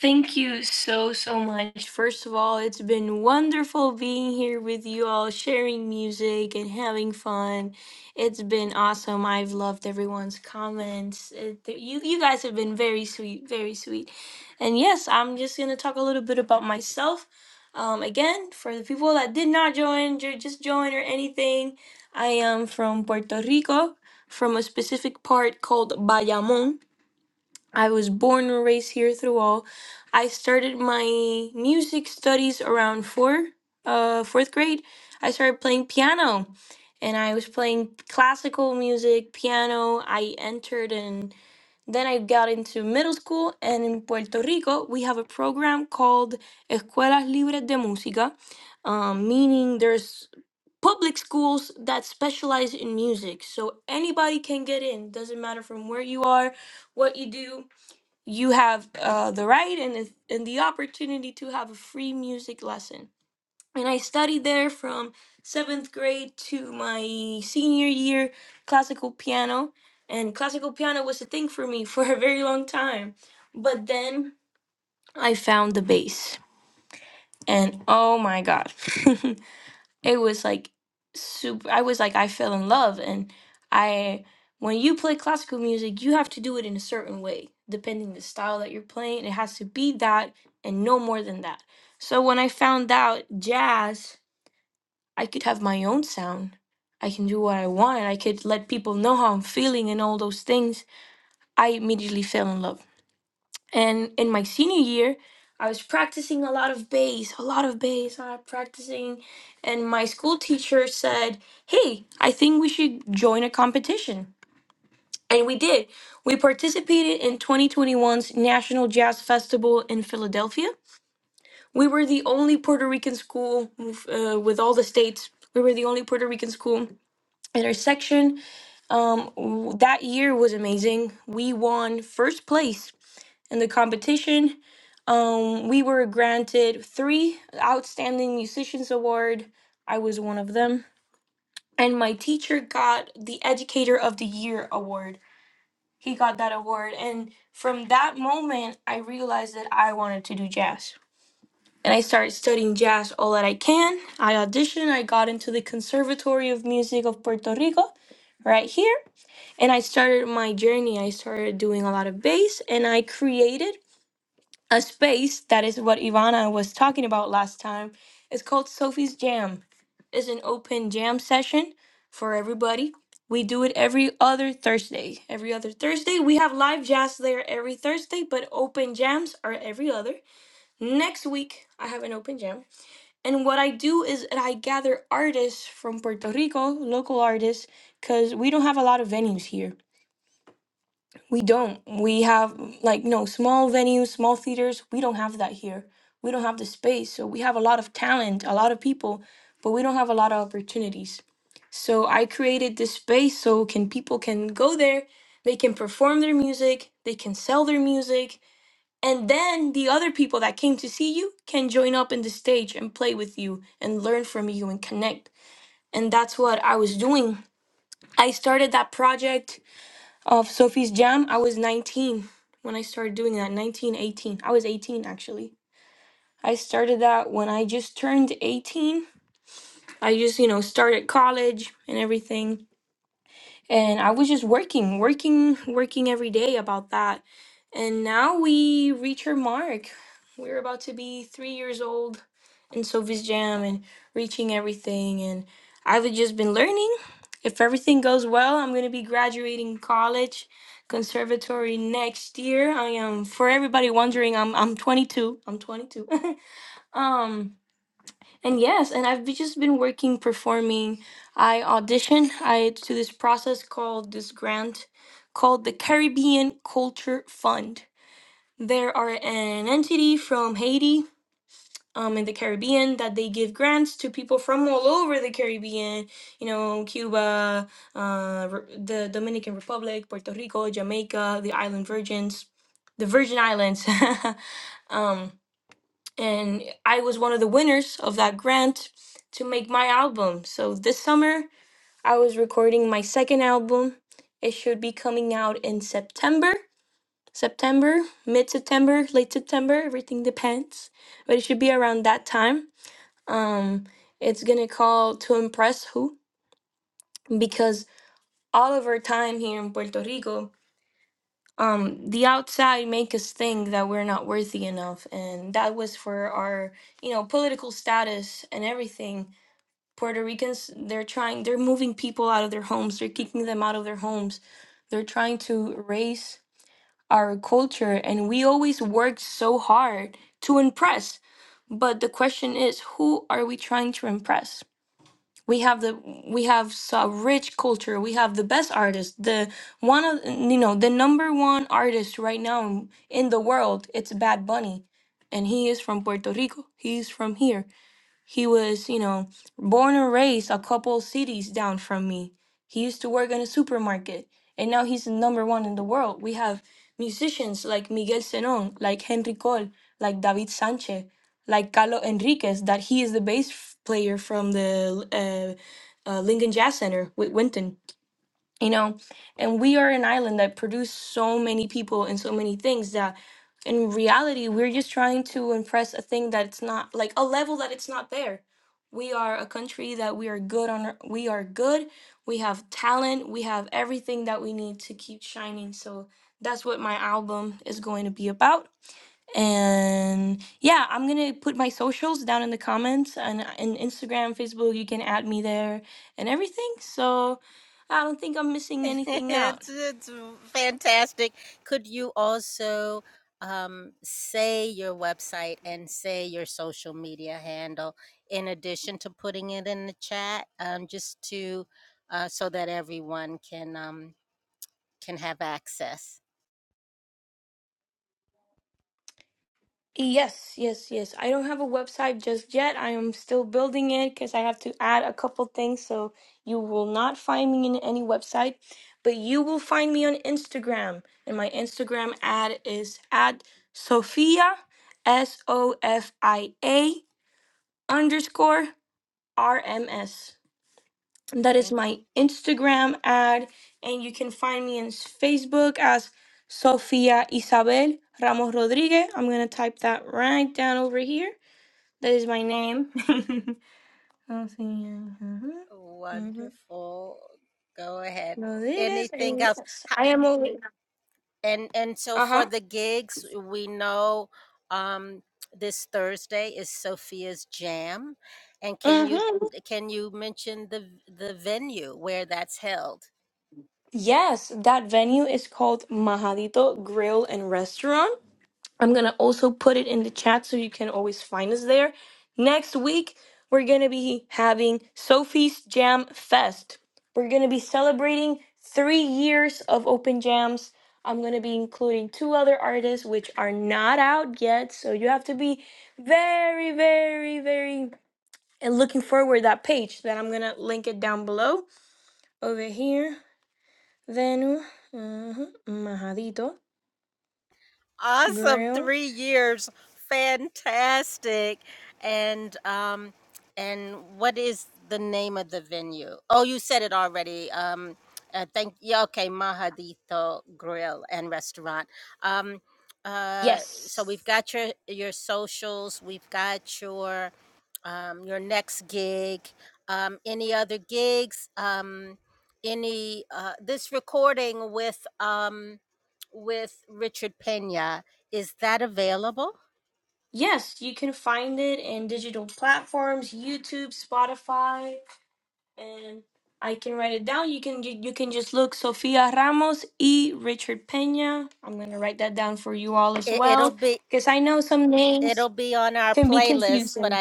Speaker 1: Thank you so, so much. First of all, it's been wonderful being here with you all, sharing music and having fun. It's been awesome. I've loved everyone's comments. It, th- you, you guys have been very sweet, very sweet. And yes, I'm just going to talk a little bit about myself. Um, again, for the people that did not join, ju- just join or anything, I am from Puerto Rico, from a specific part called Bayamon. I was born and raised here through all. I started my music studies around four, uh, fourth grade. I started playing piano, and I was playing classical music, piano. I entered, and then I got into middle school. And in Puerto Rico, we have a program called Escuelas Libres de Música, um, meaning there's public schools that specialize in music, so anybody can get in. Doesn't matter from where you are, what you do you have uh, the right and, the- and the opportunity to have a free music lesson. And I studied there from seventh grade to my senior year classical piano. And classical piano was a thing for me for a very long time. But then I found the bass. And oh my God. it was like super i was like i fell in love and i when you play classical music you have to do it in a certain way depending the style that you're playing it has to be that and no more than that so when i found out jazz i could have my own sound i can do what i want i could let people know how i'm feeling and all those things i immediately fell in love and in my senior year, I was practicing a lot of bass, a lot of bass, I was practicing. And my school teacher said, Hey, I think we should join a competition. And we did. We participated in twenty twenty one's National Jazz Festival in Philadelphia. We were the only Puerto Rican school uh, with all the states. We were the only Puerto Rican school in our section. Um, w- that year was amazing. We won first place in the competition. Um, we were granted three Outstanding Musicians Award. I was one of them. And my teacher got the Educator of the Year award. He got that award. And from that moment, I realized that I wanted to do jazz. And I started studying jazz all that I can. I auditioned. I got into the Conservatory of Music of Puerto Rico right here. And I started my journey. I started doing a lot of bass and I created a space that is what Ivana was talking about last time. It's called Sophie's Jam. It's an open jam session for everybody. We do it every other Thursday. Every other Thursday, we have live jazz there every Thursday, but open jams are every other. Next week, I have an open jam. And what I do is that I gather artists from Puerto Rico, local artists, because we don't have a lot of venues here we don't. We have like no small venues, small theaters. We don't have that here. We don't have the space. So we have a lot of talent, a lot of people, but we don't have a lot of opportunities. So I created this space so can people can go there, they can perform their music, they can sell their music, and then the other people that came to see you can join up in the stage and play with you and learn from you and connect. And that's what I was doing. I started that project of Sophie's Jam, I was 19 when I started doing that. 19, 18. I was 18 actually. I started that when I just turned 18. I just, you know, started college and everything. And I was just working, working, working every day about that. And now we reach our mark. We're about to be three years old and Sophie's Jam and reaching everything. And I've just been learning. If everything goes well, I'm going to be graduating college, conservatory next year. I am, for everybody wondering, I'm, I'm 22. I'm 22. um, and yes, and I've be- just been working, performing. I audition I to this process called this grant called the Caribbean Culture Fund. There are an entity from Haiti um, in the Caribbean that they give grants to people from all over the Caribbean, you know, Cuba, uh, Re- the Dominican Republic, Puerto Rico, Jamaica, the Island Virgins, the Virgin Islands. um, and I was one of the winners of that grant to make my album. So this summer, I was recording my second album. It should be coming out in September. September, mid September, late September, everything depends. But it should be around that time um, it's gonna call to impress who? Because all of our time here in Puerto Rico, um, the outside make us think that we're not worthy enough, and that was for our, you know, political status and everything. Puerto Ricans, they're trying, they're moving people out of their homes, they're kicking them out of their homes, they're trying to erase our culture, and we always worked so hard to impress. But the question is, who are we trying to impress? we have the we have so a rich culture we have the best artists the one of you know the number one artist right now in the world it's bad bunny and he is from puerto rico he's from here he was, you know, born and raised a couple cities down from me. He used to work in a supermarket, and now he's the number one in the world. We have musicians like Miguel Senon, like Henry Cole, like David Sanchez, like Carlo Enriquez, that he is the bass f- player from the uh, uh, Lincoln Jazz Center with Winton you know and we are an island that produce so many people and so many things that in reality we're just trying to impress a thing that it's not like a level that it's not there we are a country that we are good on our- we are good we have talent we have everything that we need to keep shining so that's what my album is going to be about and yeah, I'm gonna put my socials down in the comments and and Instagram, Facebook, you can add me there and everything. So I don't think I'm missing anything out. Yes, yes, yes. I don't have a website just yet. I am still building it because I have to add a couple things. So you will not find me in any website, but you will find me on Instagram. And my Instagram ad is at Sophia, S O F I A underscore. RMS. That is my Instagram ad, and you can find me in Facebook as Sofia Isabel Ramos Rodriguez. I'm gonna type that right down over here. That is my name. Sofia huh. Rodriguez. and Yes, I am over. Uh huh. hmm Yes, that venue is called Majadito Grill and Restaurant. I'm going to also put it in the chat so you can always find us there. Next week, we're going to be having Sophie's Jam Fest. We're going to be celebrating three years of open jams. I'm going to be including two other artists, which are not out yet. So you have to be very, very, very and looking forward to that page. Then I'm going to link it down below over here. Venu, uh Majadito, Grill. Yes. Yes, you can find it in digital platforms, YouTube, Spotify, and I can write it down. You can you, you can just look Sofia Ramos e Richard Pena. I'm gonna write that down for you all as well because I know some names can be confusing.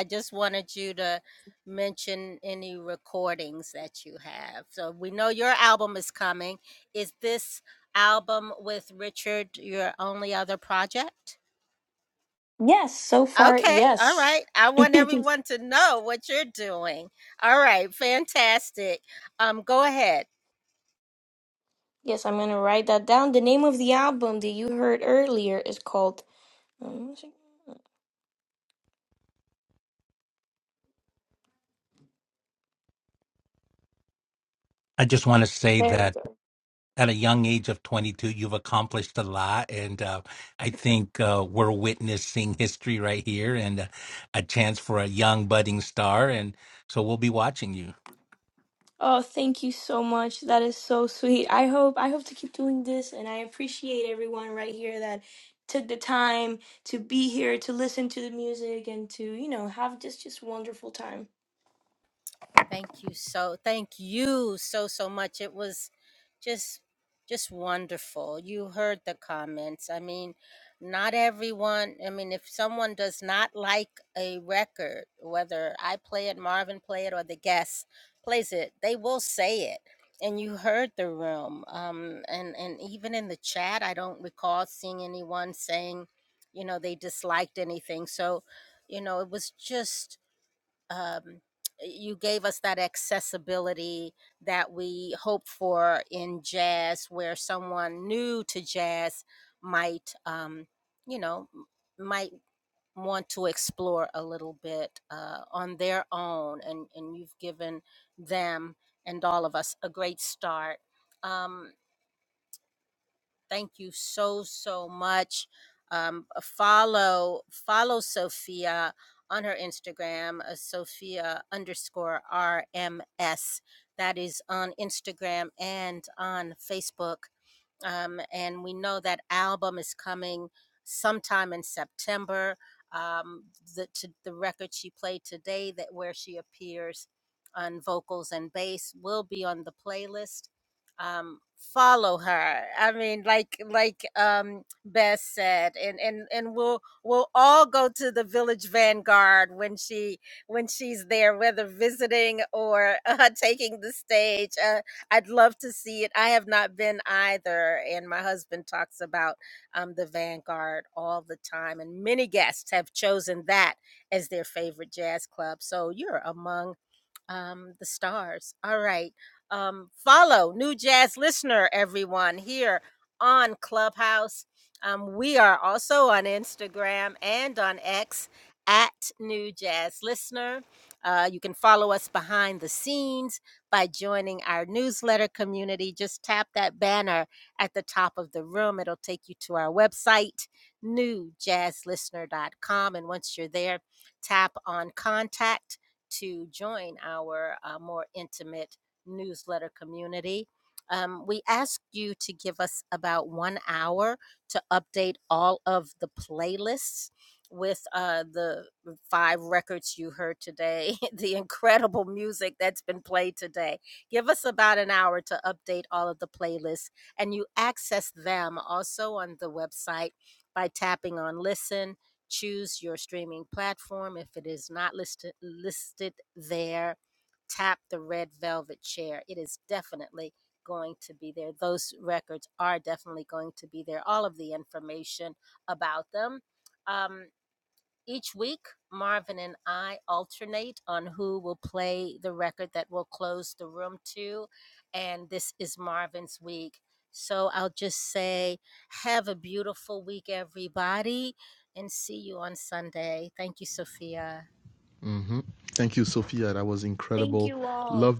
Speaker 1: Yes, so far yes. yes, I'm gonna write that down. The name of the album that you heard earlier is called. um,
Speaker 7: I just want to say
Speaker 1: There we
Speaker 7: that.
Speaker 1: go.
Speaker 7: at a young age of 22 you've accomplished a lot and uh, i think uh, we're witnessing history right here and uh, a chance for a young budding star and so we'll be watching you
Speaker 1: Oh, thank you so much. That is so sweet. I hope I hope to keep doing this and I appreciate everyone right here that took the time to be here to listen to the music and to, you know, have just just wonderful time. Thank you all.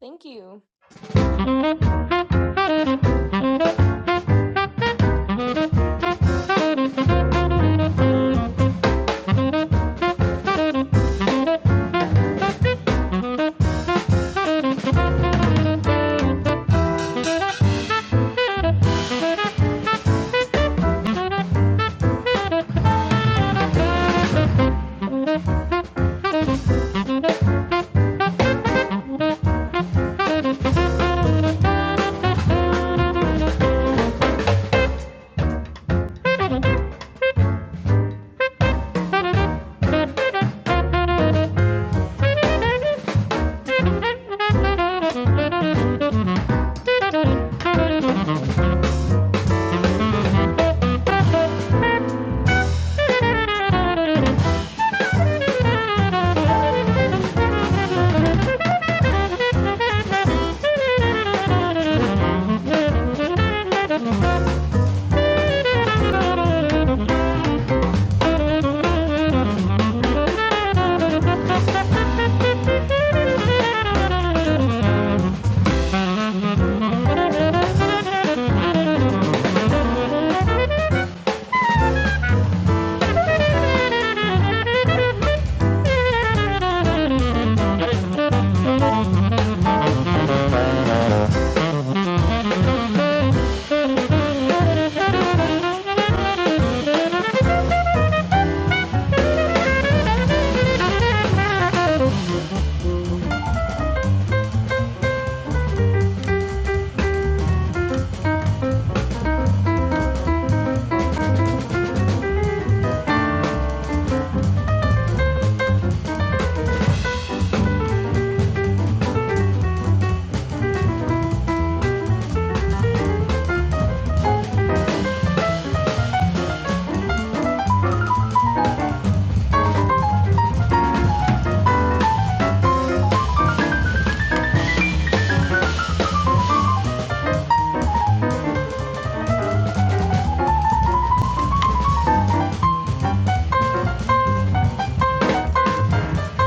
Speaker 1: Thank you.
Speaker 6: dos. Thank you.